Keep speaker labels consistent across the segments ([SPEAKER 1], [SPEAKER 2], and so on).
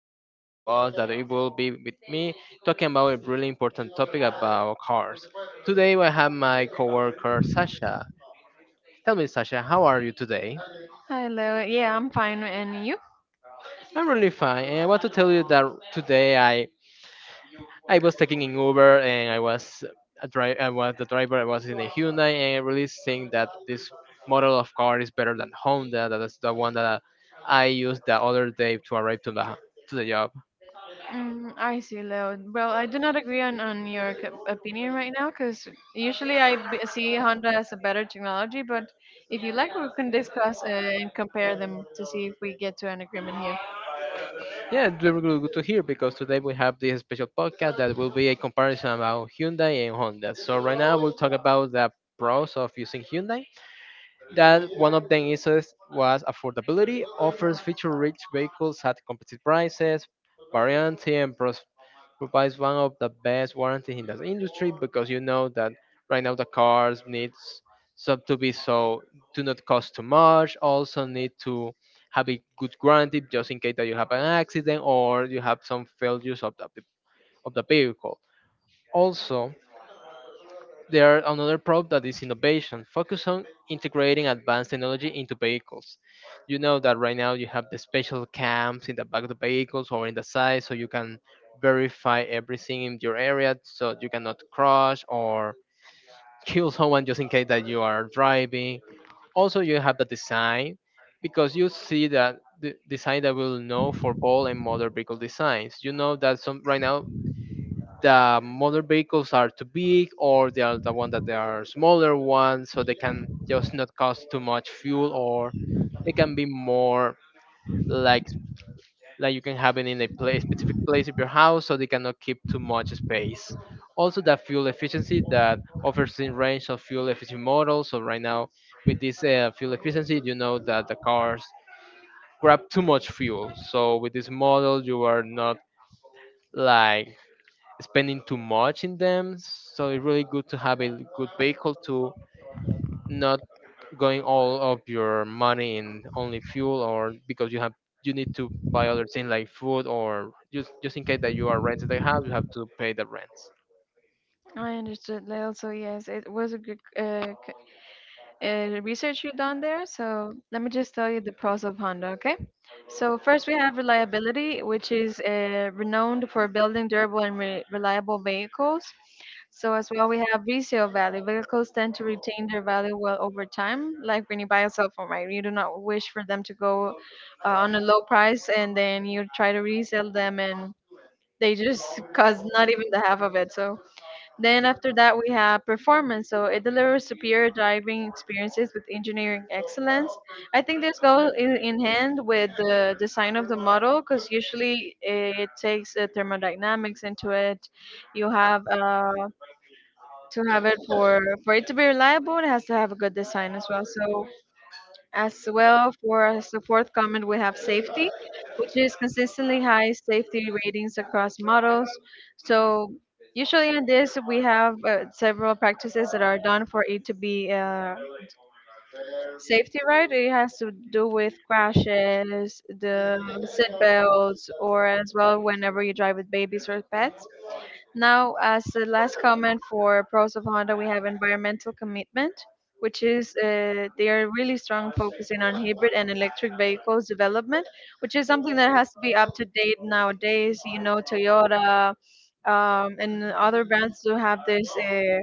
[SPEAKER 1] guest to us that it will be with me talking about a really important topic about cars. Today I have my coworker Sasha. Tell me, Sasha, how are you today?
[SPEAKER 2] Hi, Leo. Yeah, I'm fine. And you?
[SPEAKER 1] I'm really fine, and I want to tell you that today I was taking an Uber and I was I was the driver. I was in a Hyundai, and I really think that this model of car is better than Honda. That is the one that I used the other day to arrive to the job.
[SPEAKER 2] Mm, I see, Leo. Well, I do not agree on your opinion right now because usually I see Honda as a better technology. But if you like, we can discuss and compare them to see if we get to an agreement here.
[SPEAKER 1] Yeah, it's very good to hear because today we have this special podcast that will be a comparison about Hyundai and Honda. So right now we'll talk about the pros of using Hyundai. That one of them was affordability, offers feature-rich vehicles at competitive prices, variety and pros provides one of the best warranties in the industry because you know that right now the cars needs sub to be so do not cost too much, also need to have a good warranty just in case that you have an accident or you have some failures of the vehicle. Also, there are another probe that is innovation, focus on integrating advanced technology into vehicles. You know that right now you have the special cams in the back of the vehicles or in the side, so you can verify everything in your area, so you cannot crash or kill someone just in case that you are driving. Also, you have the design because you see that the design that will know for ball and motor vehicle designs. You know that some right now the motor vehicles are too big or they are the one that they are smaller ones so they can just not cost too much fuel or they can be more like like you can have it in a place specific place of your house so they cannot keep too much space, also the fuel efficiency that offers a range of fuel efficient models. So right now with this fuel efficiency you know that the cars grab too much fuel, so with this model you are not like spending too much in them. So it's really good to have a good vehicle to not going all of your money in only fuel, or because you have you need to buy other things like food, or just in case that you are rented a house you have to pay the rents.
[SPEAKER 2] I understood, Leo. So yes, it was a good research you've done there. So let me just tell you the pros of Honda, okay? So first we have reliability, which is renowned for building durable and re reliable vehicles. So as well we have resale value. Vehicles tend to retain their value well over time. Like when you buy a cell phone, right? You do not wish for them to go on a low price and then you try to resell them and they just cost not even the half of it. So then after that, we have performance. So it delivers superior driving experiences with engineering excellence. I think this goes in hand with the design of the model because usually it takes thermodynamics into it. You have to have it for it to be reliable. It has to have a good design as well. So as well, for as the fourth comment, we have safety, which is consistently high safety ratings across models. So usually in this, we have several practices that are done for it to be safety right. It has to do with crashes, the seat belts, or as well whenever you drive with babies or pets. Now, as the last comment for pros of Honda, we have environmental commitment, which is they are really strong focusing on hybrid and electric vehicles development, which is something that has to be up to date nowadays. You know, Toyota and other brands do have this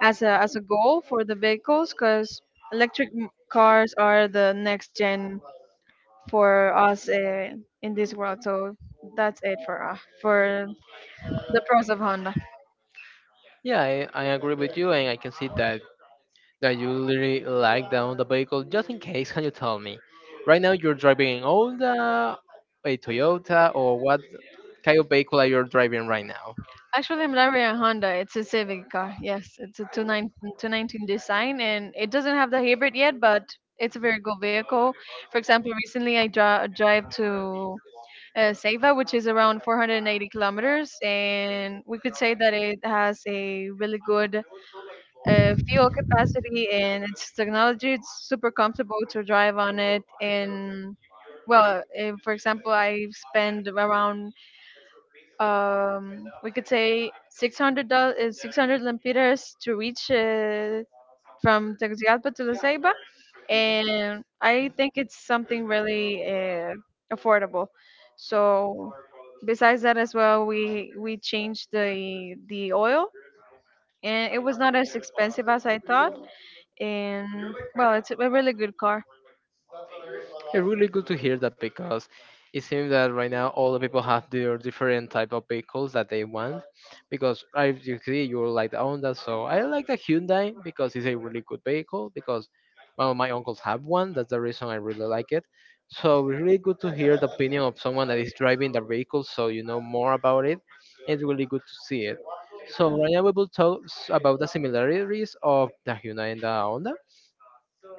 [SPEAKER 2] as a goal for the vehicles because electric cars are the next gen for us in this world. So that's it for the pros of Honda.
[SPEAKER 1] Yeah, I agree with you and I can see that you really like down the vehicle. Just in case, can you tell me? Right now you're driving an Honda, a Toyota, or what kind of vehicle are you driving right now?
[SPEAKER 2] Actually, I'm driving a Honda. It's a Civic car. Yes, it's a 219, design, and it doesn't have the hybrid yet, but it's a very good vehicle. For example, recently I drive to Ceiba, which is around 480 kilometers, and we could say that it has a really good fuel capacity and its technology. It's super comfortable to drive on it, and well, eh, for example, I spend around we could say 600 lempiras to reach from Tegucigalpa to La Ceiba, and I think it's something really affordable. So besides that, as well, we changed the oil, and it was not as expensive as I thought. And well, it's a really good car.
[SPEAKER 1] It's really good to hear that because it seems that right now all the people have their different type of vehicles that they want. Because I you see you like the Honda, so I like the Hyundai because it's a really good vehicle. Because well, my uncles have one, that's the reason I really like it. So really good to hear the opinion of someone that is driving the vehicle, so you know more about it. It's really good to see it. So right now we will talk about the similarities of the Hyundai and the Honda,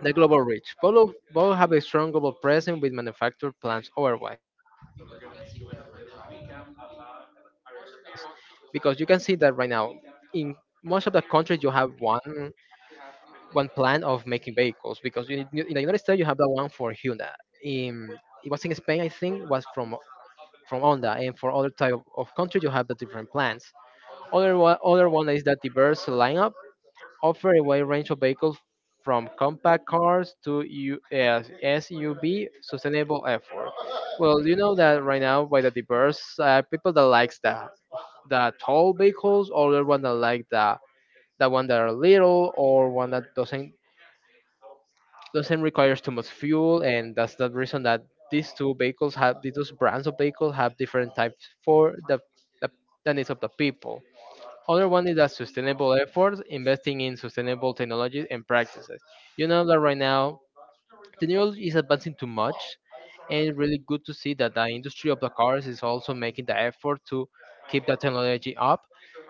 [SPEAKER 1] the global reach. Both have a strong global presence with manufactured plants otherwise. Because you can see that right now, in most of the countries, you have one plant of making vehicles. Because in the United States, you have the one for Hyundai. In, it was in Spain, I think, was from Honda. And for other type of countries, you have the different plants. Other one is that diverse lineup offer a wide range of vehicles from compact cars to SUV sustainable effort. Well, you know that right now by the diverse people that likes the tall vehicles, or the one that like the one that are little, or one that doesn't requires too much fuel, and that's the reason that these two brands of vehicles have different types for the, the needs of the people. Other one is that sustainable efforts, investing in sustainable technologies and practices. You know that right now technology is advancing too much, and it's really good to see that the industry of the cars is also making the effort to keep that technology up,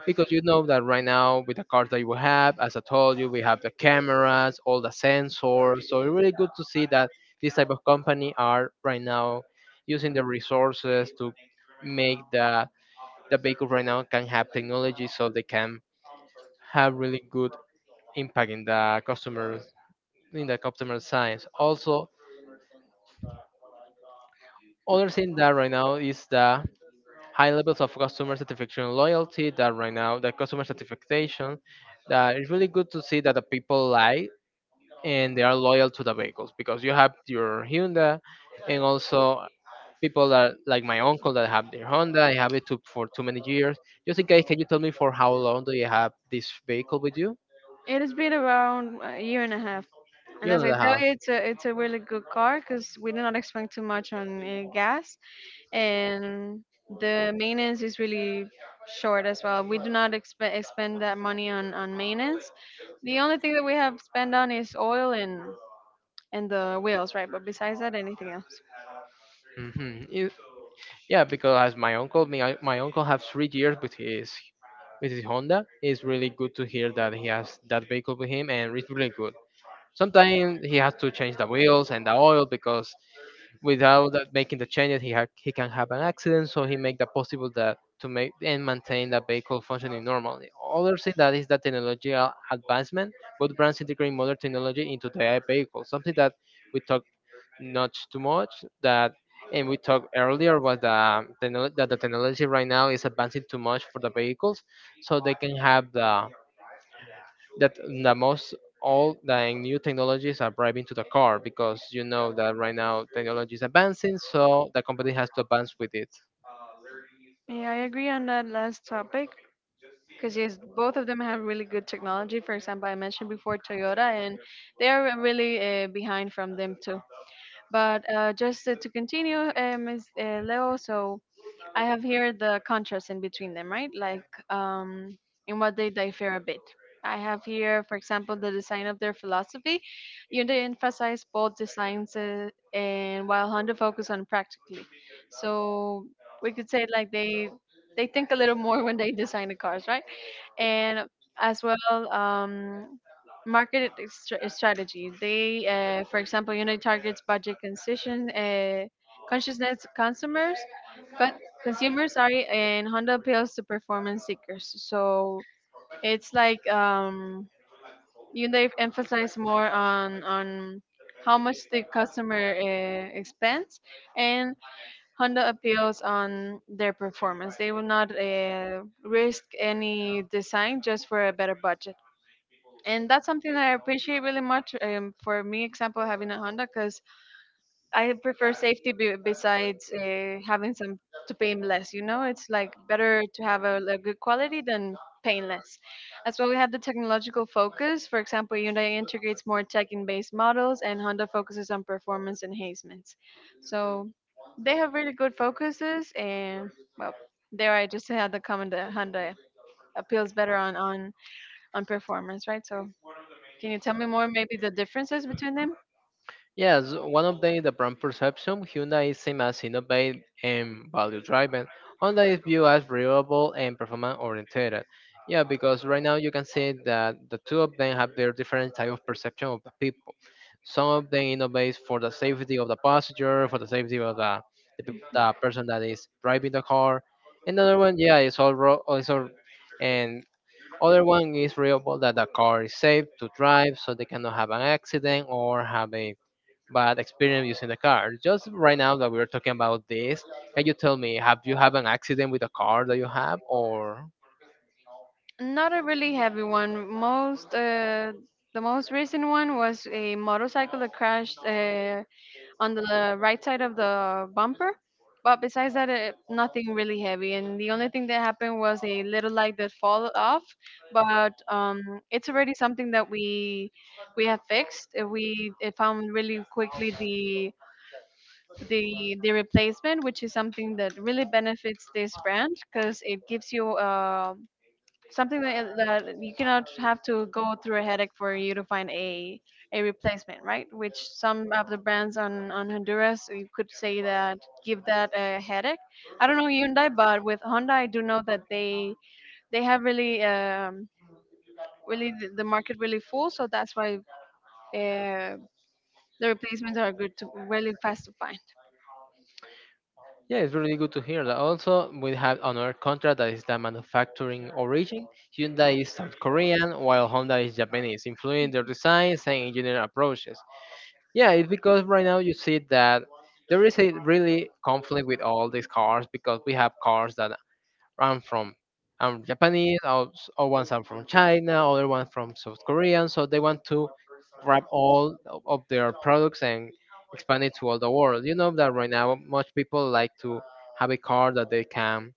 [SPEAKER 1] because you know that right now with the cars that you have, as I told you, we have the cameras, all the sensors. So it's really good to see that this type of company are right now using the resources to make the vehicle right now can have technology so they can have really good impact in the customer, in the customer science. Also, other thing that right now is the high levels of customer satisfaction and loyalty, that right now the customer satisfaction that it's really good to see that the people like and they are loyal to the vehicles because you have your Hyundai, and also people that like my uncle that have their Honda, I have it too, for too many years. Just in case, can you tell me for how long do you have this vehicle with you?
[SPEAKER 2] It has been around a year and a half,
[SPEAKER 1] You
[SPEAKER 2] and as
[SPEAKER 1] know
[SPEAKER 2] I
[SPEAKER 1] the
[SPEAKER 2] tell
[SPEAKER 1] house.
[SPEAKER 2] you, it's a really good car because we did not expect too much on gas, and the maintenance is really short as well. We do not expect expend that money on maintenance. The only thing that we have spent on is oil and the wheels, right? But besides that, anything else?
[SPEAKER 1] Mm-hmm. Yeah, because as my uncle, my uncle has 3 years with his Honda. It's really good to hear that he has that vehicle with him, and it's really good. Sometimes he has to change the wheels and the oil because without that making the changes, he can have an accident. So he make that possible that to make and maintain the vehicle functioning normally. Other thing that is the technological advancement, both brands integrate modern technology into their vehicles. Something that we talk not too much that, and we talked earlier was that the technology right now is advancing too much for the vehicles so they can have the that the most all the new technologies are driving to the car, because you know that right now technology is advancing so the company has to advance with it.
[SPEAKER 2] Yeah, I agree on that last topic, because yes, both of them have really good technology. For example, I mentioned before Toyota, and they are really behind from them too. But just to continue, Ms. Leo, so I have here the contrast in between them, right? Like um, in what they differ a bit. I have here, for example, the design of their philosophy. Hyundai emphasize both designs and while Honda focus on practically. So we could say like they think a little more when they design the cars, right? And as well, market strategy. They, for example, you know, targets budget conscious, consciousness consumers, con- consumers, sorry, and Honda appeals to performance seekers. So it's like you know, they emphasize more on how much the customer expends, and Honda appeals on their performance. They will not risk any design just for a better budget, and that's something that I appreciate really much. For me, example, having a Honda, because I prefer safety besides having some to pay less. You know, it's like better to have a good quality than paying less. As well, we have the technological focus. For example, Hyundai integrates more tech-based models, and Honda focuses on performance enhancements. So they have really good focuses, and well, there I just had the comment that Honda appeals better on performance, right? So can you tell me more, maybe the differences between them?
[SPEAKER 1] Yes, one of the brand perception, Hyundai is seen as innovative and value driven. Honda is viewed as reliable and performance oriented. Yeah, because right now you can see that the two of them have their different type of perception of the people. Some of them innovate for the safety of the passenger, for the safety of the person that is driving the car. Another one, yeah, it's all, and other one is reliable that the car is safe to drive, so they cannot have an accident or have a but experience using the car. Just right now that we are talking about this, can you tell me, have you had an accident with a car that you have, or?
[SPEAKER 2] Not a really heavy one. Most The most recent one was a motorcycle that crashed on the right side of the bumper. But besides that, nothing really heavy. And the only thing that happened was a little light that fall off. But it's already something that we have fixed. We found really quickly the replacement, which is something that really benefits this brand because it gives you something that you cannot have to go through a headache for you to find a replacement, right? Which some of the brands on Honduras you could say that give that a headache. I don't know Hyundai, but with Honda, I do know that they have really really the market really full, so that's why uh, the replacements are good to really fast to find.
[SPEAKER 1] Yeah, it's really good to hear that. Also, we have another contract that is the manufacturing origin. Hyundai is South Korean, while Honda is Japanese, influencing their designs and engineering approaches. Yeah, it's because right now you see that there is a really conflict with all these cars because we have cars that I'm from I'm Japanese, or, or ones are from China, other one from South Korean. So they want to grab of their products and expand it to all the world. You know that right now, much people like to have a car that they can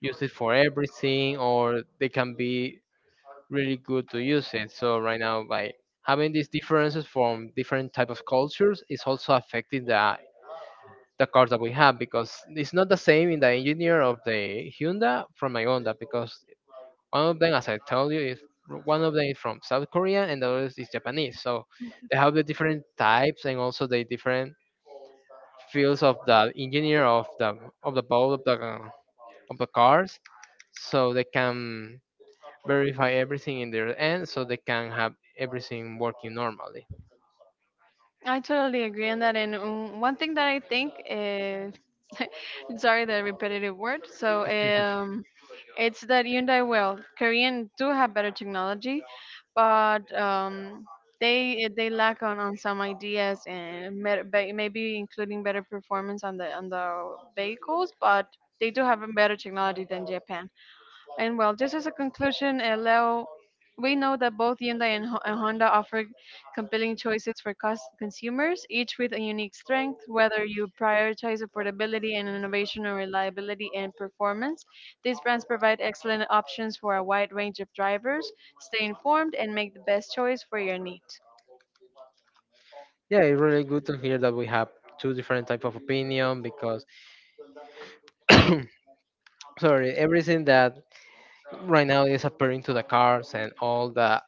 [SPEAKER 1] use it for everything, or they can be really good to use it. So right now, by having these differences from different type of cultures, is also affecting the cars that we have because it's not the same in the engineer of the Hyundai from my Honda because one of them, as I told you, is one of them is from South Korea and the other is Japanese. So they have the different types and also the different fields of the engineer of the boat of the cars. So they can verify everything in their end, so they can have everything working normally.
[SPEAKER 2] I totally agree on that. And one thing that I think is sorry the repetitive word. So it's that Hyundai, well, Korean do have better technology, but they lack on some ideas and maybe including better performance on the vehicles, but they do have a better technology than Japan. And well, just as a conclusion, Leo, we know that both Hyundai and Honda offer compelling choices for consumers, each with a unique strength. Whether you prioritize affordability and innovation or reliability and performance, these brands provide excellent options for a wide range of drivers. Stay informed and make the best choice for your needs.
[SPEAKER 1] Yeah, it's really good to hear that we have two different type of opinion because sorry, everything that right now is appearing to the cars and all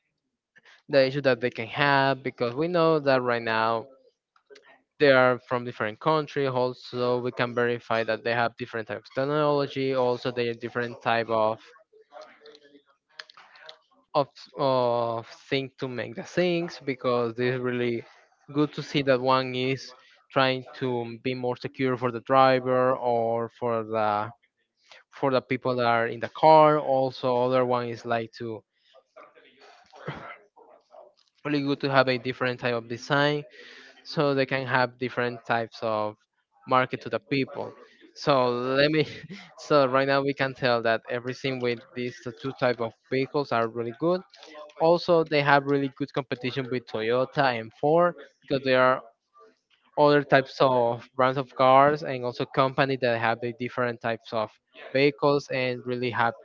[SPEAKER 1] the issue that they can have because we know that right now they are from different country. Also, we can verify that they have different types of technology. Also, they have different type of of of thing to make the things because this is really good to see that one is trying to be more secure for the driver or for the people that are in the car. Also, other one is like to really good to have a different type of design so they can have different types of market to the people so let me so right now we can tell that everything with these two type of vehicles are really good. Also they have really good competition with Toyota and Ford because there are other types of brands of cars and also company that have the different types of vehicles and really have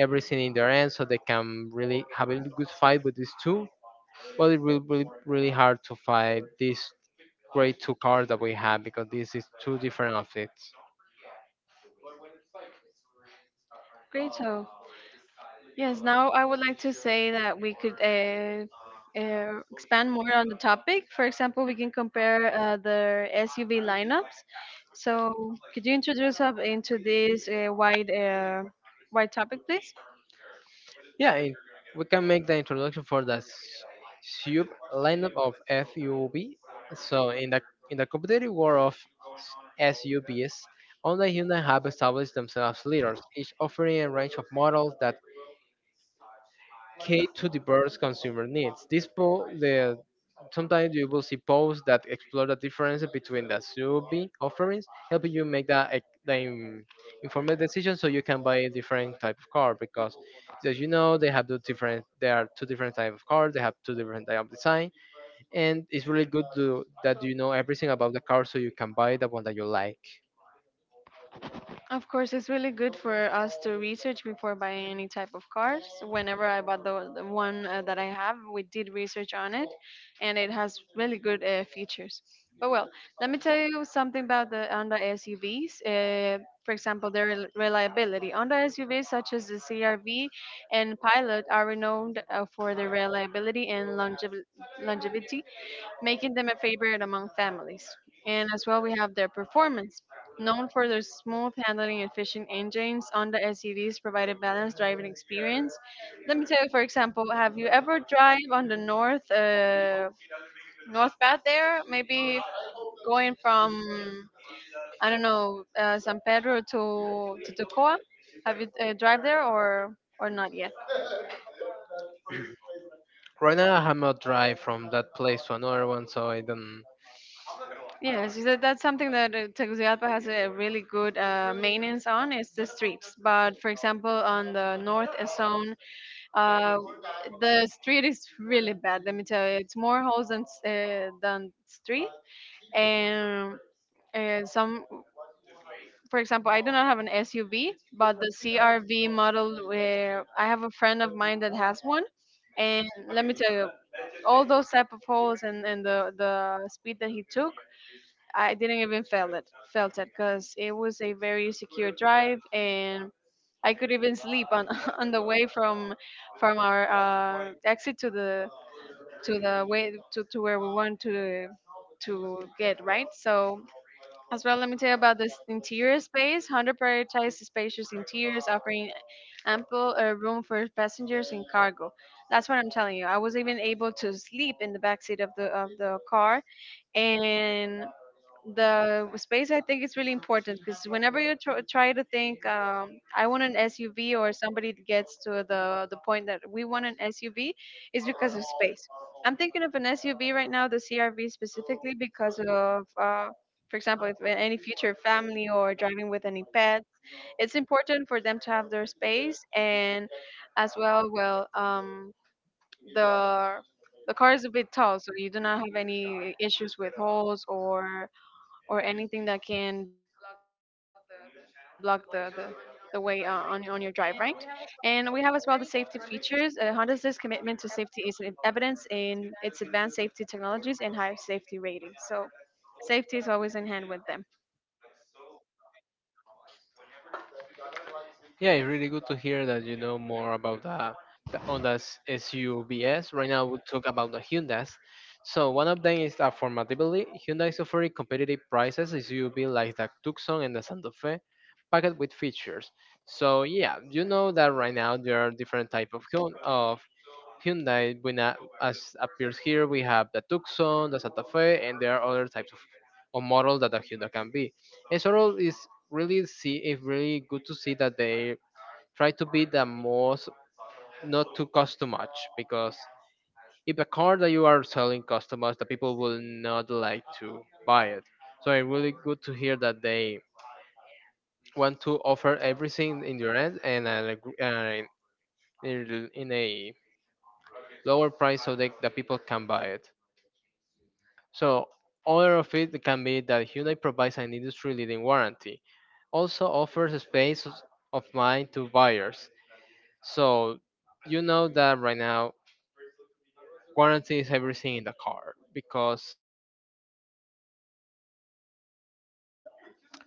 [SPEAKER 1] everything in their end so they can really have a good fight with these two. Well, it will be really hard to fight these great two cards that we have because this is two different outfits.
[SPEAKER 2] Great. So yes, now I would like to say that we could expand more on the topic. For example, we can compare the SUV lineups. So, could you introduce us into this wide topic, please?
[SPEAKER 1] Yeah, it, we can make the introduction for the sub lineup of FUB. So in the competitive world of SUBs, online humans have established themselves as leaders, each offering a range of models that cater to diverse consumer needs. The sometimes you will see posts that explore the differences between the Subi offerings, helping you make that the informed decision so you can buy a different type of car because as you know they have the different there are two different type of cars they have two different type of design, and it's really good to that you know everything about the car so you can buy the one that you like.
[SPEAKER 2] Of course, it's really good for us to research before buying any type of cars. Whenever I bought the one that I have, we did research on it, and it has really good features. But well, let me tell you something about the Honda SUVs. For example, their reliability. Honda SUVs such as the CRV and Pilot are renowned for their reliability and longevity, making them a favorite among families. And as well, we have their performance. Known for their smooth handling and efficient engines, Honda SUVs provide a balanced driving experience. Let me tell you, for example, have you ever drive on the north north path there? Maybe going from I don't know San Pedro to Tocoa. Have you drive there or not yet?
[SPEAKER 1] Right now I have not drive from that place to another one so I don't.
[SPEAKER 2] Yes, that's something that Tegucigalpa has a really good maintenance on it's the streets. But for example, on the north zone, uh, the street is really bad. Let me tell you, it's more holes than than street, and some. For example, I do not have an SUV, but the CRV model, where I have a friend of mine that has one, and let me tell you, all those type of holes and the speed that he took, I didn't even felt it, because it was a very secure drive, and I could even sleep on on the way from our exit to the way to where we want to get right. So as well, let me tell you about this interior space. Honda prioritized spacious interiors, offering ample room for passengers and cargo. That's what I'm telling you. I was even able to sleep in the backseat of the car, and the space I think is really important because whenever you try to think, I want an SUV, or somebody gets to the point that we want an SUV is because of space. I'm thinking of an SUV right now, the CRV specifically, because of for example, if any future family or driving with any pet, it's important for them to have their space. And as well, the the car is a bit tall, so you do not have any issues with holes or anything that can block the way on your drive, right? And we have as well the safety features. Honda's commitment to safety is in evidence in its advanced safety technologies and high safety rating. So safety is always in hand with them.
[SPEAKER 1] Yeah, it's really good to hear that you know more about the Honda's SUVs. Right now, we'll talk about the Hyundai's. So one of them is affordability. Hyundai is offering competitive prices SUV like the Tucson and the Santa Fe, packed with features. So yeah, you know that right now there are different type of Hyundai. When as appears here, we have the Tucson, the Santa Fe, and there are other types of models that the Hyundai can be. And so all is really see it's really good to see that they try to be the most not to cost too much because if the car that you are selling customers the people will not like to buy it, so it's really good to hear that they want to offer everything in your end and at a in a lower price so that the people can buy it. So other of it can be that Hyundai provides an industry leading warranty, also offers a space of mind to buyers. So you know that right now warranty is everything in the car because if you have an accident, you can go to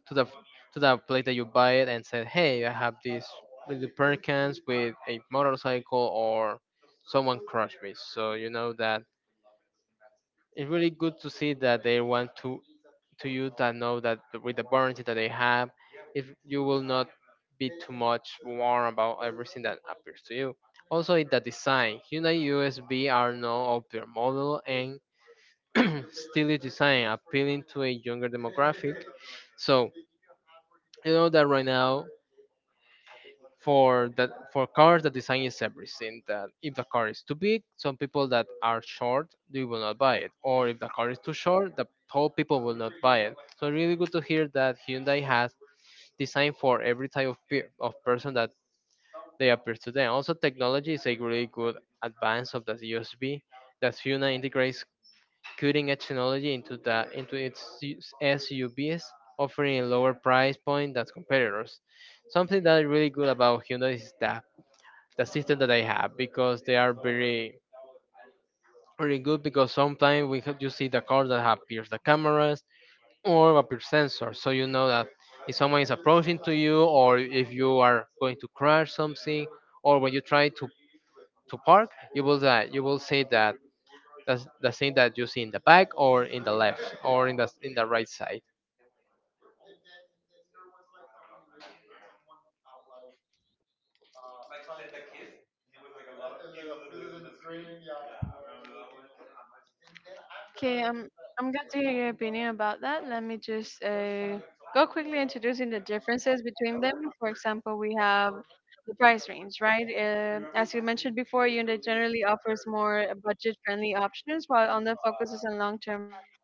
[SPEAKER 1] to the to the place that you buy it and say, "Hey, I have this little Perkins with a motorcycle or someone crushed me." So you know that it's really good to see that they want to you that know that with the warranty that they have, if you will not be too much warm about everything that appears to you. Also, in the design, Hyundai USB are now of their model, and stylish design appealing to a younger demographic. So you know that right now for that for cars the design is everything that if the car is too big some people that are short they will not buy it, or if the car is too short the tall people will not buy it. So really good to hear that Hyundai has design for every type of person that they appear to them. Also technology is a really good advance of the USB that Hyundai integrates cutting edge technology into the into its SUVs, offering a lower price point than competitors. Something that is really good about Hyundai is the system that they have because they are very good because sometimes we have, you see the cars that have pierced the cameras or a pierce sensor, so you know that if someone is approaching to you or if you are going to crash something or when you try to park, you will that you will say that that's the thing that you see in the back or in the left or in the right side.
[SPEAKER 2] Okay, I'm glad to hear your opinion about that. Let me just go quickly introducing the differences between them. For example, we have the price range, right? As you mentioned before, Hyundai generally offers more budget-friendly options, while Honda focuses on long-term value,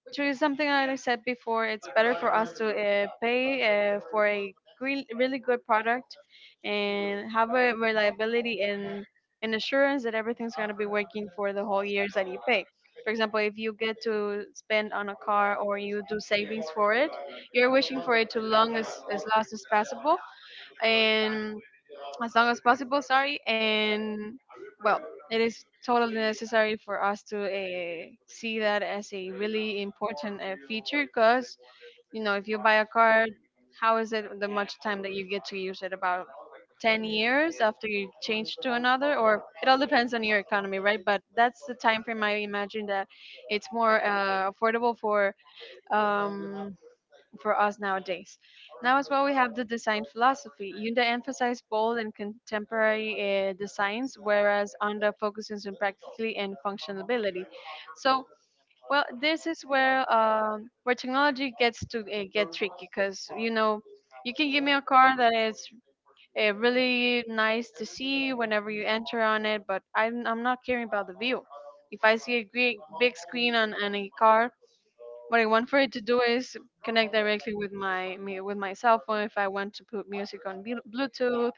[SPEAKER 2] which is something I said before. It's better for us to pay for a green, really good product and have a reliability and an assurance that everything's going to be working for the whole years that you pay. For example, if you get to spend on a car or you do savings for it, you're wishing for it to long as last as possible, and as long as possible. Sorry, and well, it is totally necessary for us to see that as a really important feature, because you know if you buy a car, how is it the much time that you get to use it? About 10 years after you change to another, or it all depends on your economy, right? But that's the time frame I imagine that it's more affordable for. Um, for us nowadays. Now as well, we have the design philosophy. Yunda emphasized bold and contemporary designs, whereas Anda focuses on practically and functionality. So, well, this is where technology gets to get tricky, because you know you can give me a car that is really nice to see whenever you enter on it, but I'm not caring about the view. If I see a great big screen on a car, what I want for it to do is connect directly with with my cell phone, if I want to put music on Bluetooth,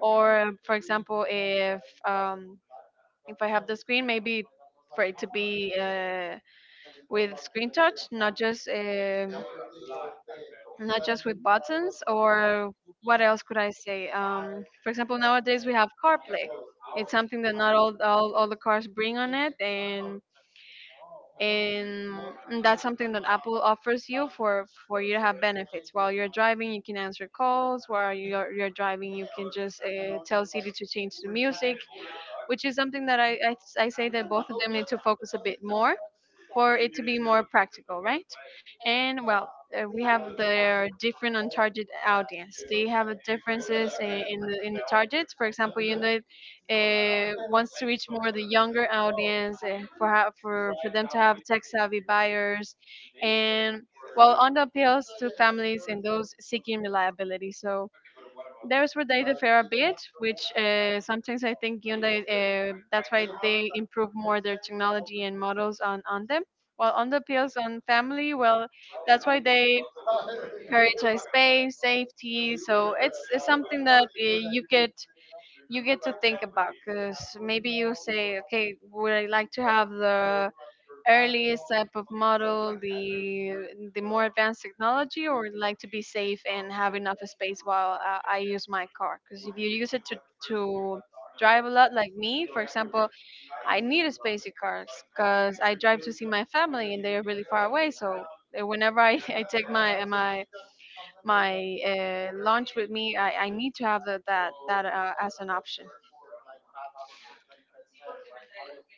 [SPEAKER 2] or for example, if I have the screen, maybe for it to be with screen touch, not just not just with buttons. Or what else could I say? For example, nowadays we have CarPlay. It's something that not all the cars bring on it, and and and that's something that Apple offers you for you to have benefits. While you're driving, you can answer calls. While you're driving, you can just tell Siri to change the music, which is something that I say that both of them need to focus a bit more for it to be more practical, right? And well, we have their different untargeted audience. They have a differences in the targets. For example, United wants to reach more the younger audience for them to have tech savvy buyers, and well, on the appeals to families and those seeking reliability. So there's where they differ a bit, which sometimes I think Hyundai, that's why they improve more their technology and models on them. While on the pills on family, well, that's why they prioritize space, safety. So it's something that you get to think about, because maybe you say, okay, would I like to have the early type of model, the more advanced technology, or like to be safe and have enough space while I use my car? Because if you use it to drive a lot, like me, for example, I need a spacey car because I drive to see my family and they are really far away, so. Whenever I, I take my lunch with me, I need to have that as an option.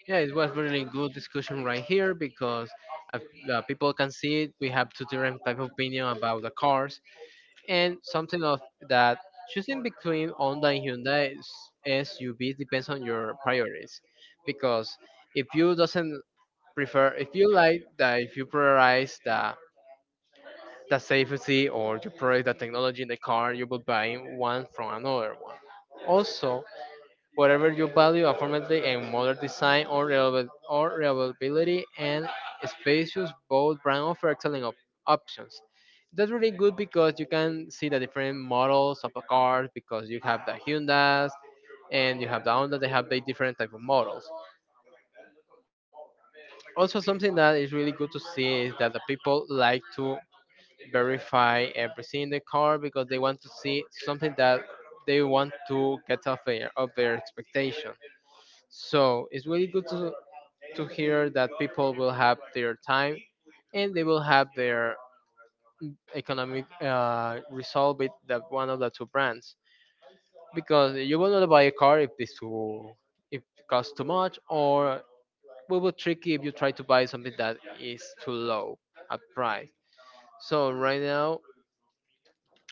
[SPEAKER 1] Yeah, it was really good discussion right here because uh, the people can see it. We have two different type of opinion about the cars and something of that choosing between Honda and Hyundai SUV depends on your priorities, because if you doesn't prefer if you like that if you prioritize the safety or you prioritize the technology in the car you will buy one from another one. Also, whatever you value, affordability and modern design or, reliable, or reliability and spacious, both brands offer excellent options. That's really good because you can see the different models of the cars because you have the Hyundai's and you have the Honda, they have the different type of models. Also, something that is really good to see is that the people like to verify everything in the car because they want to see something that they want to get off of their expectation. So it's really good to hear that people will have their time and they will have their economic resolve with that one of the two brands, because you will not buy a car if this too if it costs too much, or will be tricky if you try to buy something that is too low at price. So right now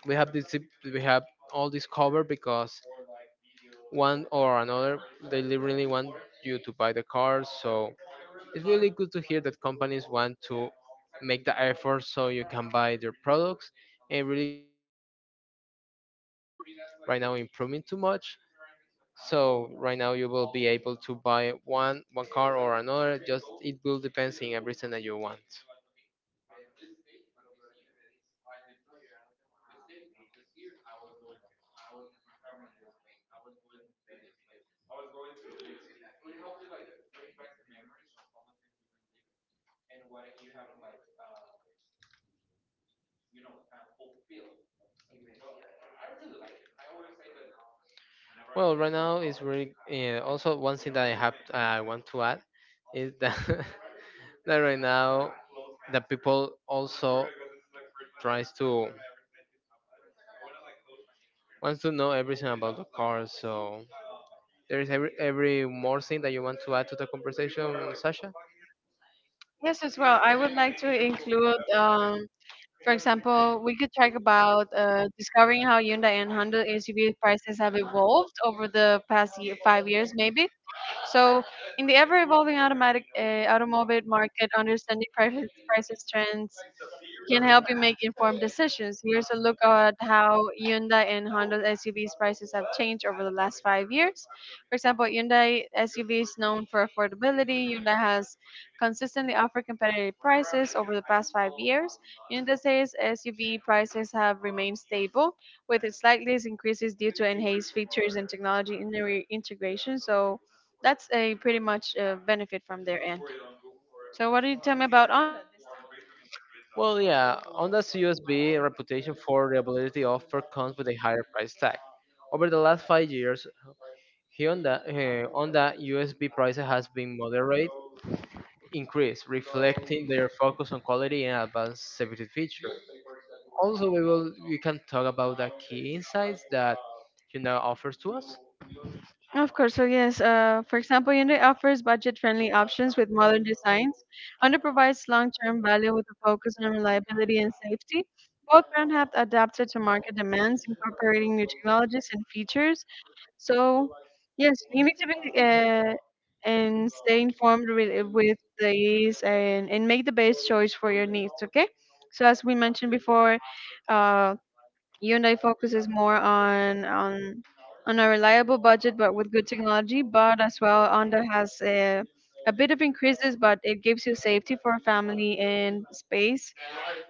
[SPEAKER 1] we have this we have all this covered because one or another they really want you to buy the car. So it's really good to hear that companies want to make the effort so you can buy their products, and really good to see that cars technology are right now improving too much. So right now you will be able to buy one car or another. Just it will depends in everything that you want. Well, right now it's really also one thing that I want to add is that that right now the people also tries to wants to know everything about the car. So there is every more thing that you want to add to the conversation, Sasha?
[SPEAKER 2] Yes, as well. I would like to include for example, we could talk about discovering how Hyundai and Honda SUV prices have evolved over the past year, 5 years, maybe. So, in the ever-evolving automatic automobile market, understanding prices trends can help you make informed decisions. Here's a look at how Hyundai and Honda SUVs prices have changed over the last 5 years. For example, Hyundai SUV is known for affordability. Hyundai has consistently offered competitive prices over the past 5 years. Hyundai says SUV prices have remained stable, with slight increases due to enhanced features and technology integration. So that's a pretty much benefit from their end. So what do you tell me about Honda this time?
[SPEAKER 1] Well, yeah, Honda's USB reputation for reliability often comes with a higher price tag. Over the last 5 years, Hyundai, Honda USB prices has been moderate increase, reflecting their focus on quality and advanced safety features. Also, we can talk about the key insights that Hyundai offers to us.
[SPEAKER 2] Of course, so yes, for example, Hyundai offers budget-friendly options with modern designs. Honda provides long-term value with a focus on reliability and safety. Both brands have adapted to market demands, incorporating new technologies and features. So, yes, you need to be and stay informed with these and make the best choice for your needs, okay? So, as we mentioned before, uh, Hyundai focuses more on on a reliable budget, but with good technology. But as well, Honda has a bit of increases, but it gives you safety for family and space.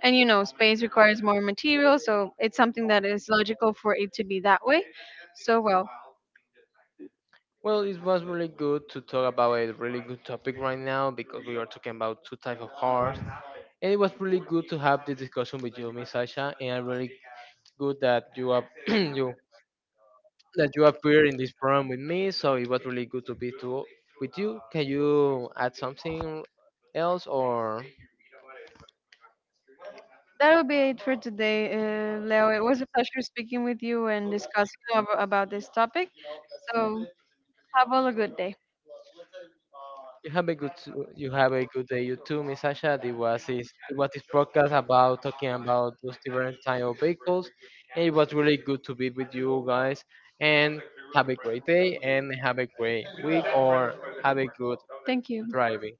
[SPEAKER 2] And you know, space requires more material, so it's something that is logical for it to be that way. So well,
[SPEAKER 1] Well, it was really good to talk about a really good topic right now because we are talking about two types of cars. And it was really good to have this discussion with you, Miss Sasha, and I'm really good that you are you that you appear in this program with me. So it was really good to be to with you. Can you add something else or?
[SPEAKER 2] that will be it for today, Leo. It was a pleasure speaking with you and discussing about this topic. So have all a good day.
[SPEAKER 1] You have a good s- you have a good day. You too, Miss Sasha. It was this podcast about talking about those different type of vehicles, and it was really good to be with you guys. And have a great day, and have a great week, or have a good
[SPEAKER 2] Thank you.
[SPEAKER 1] driving.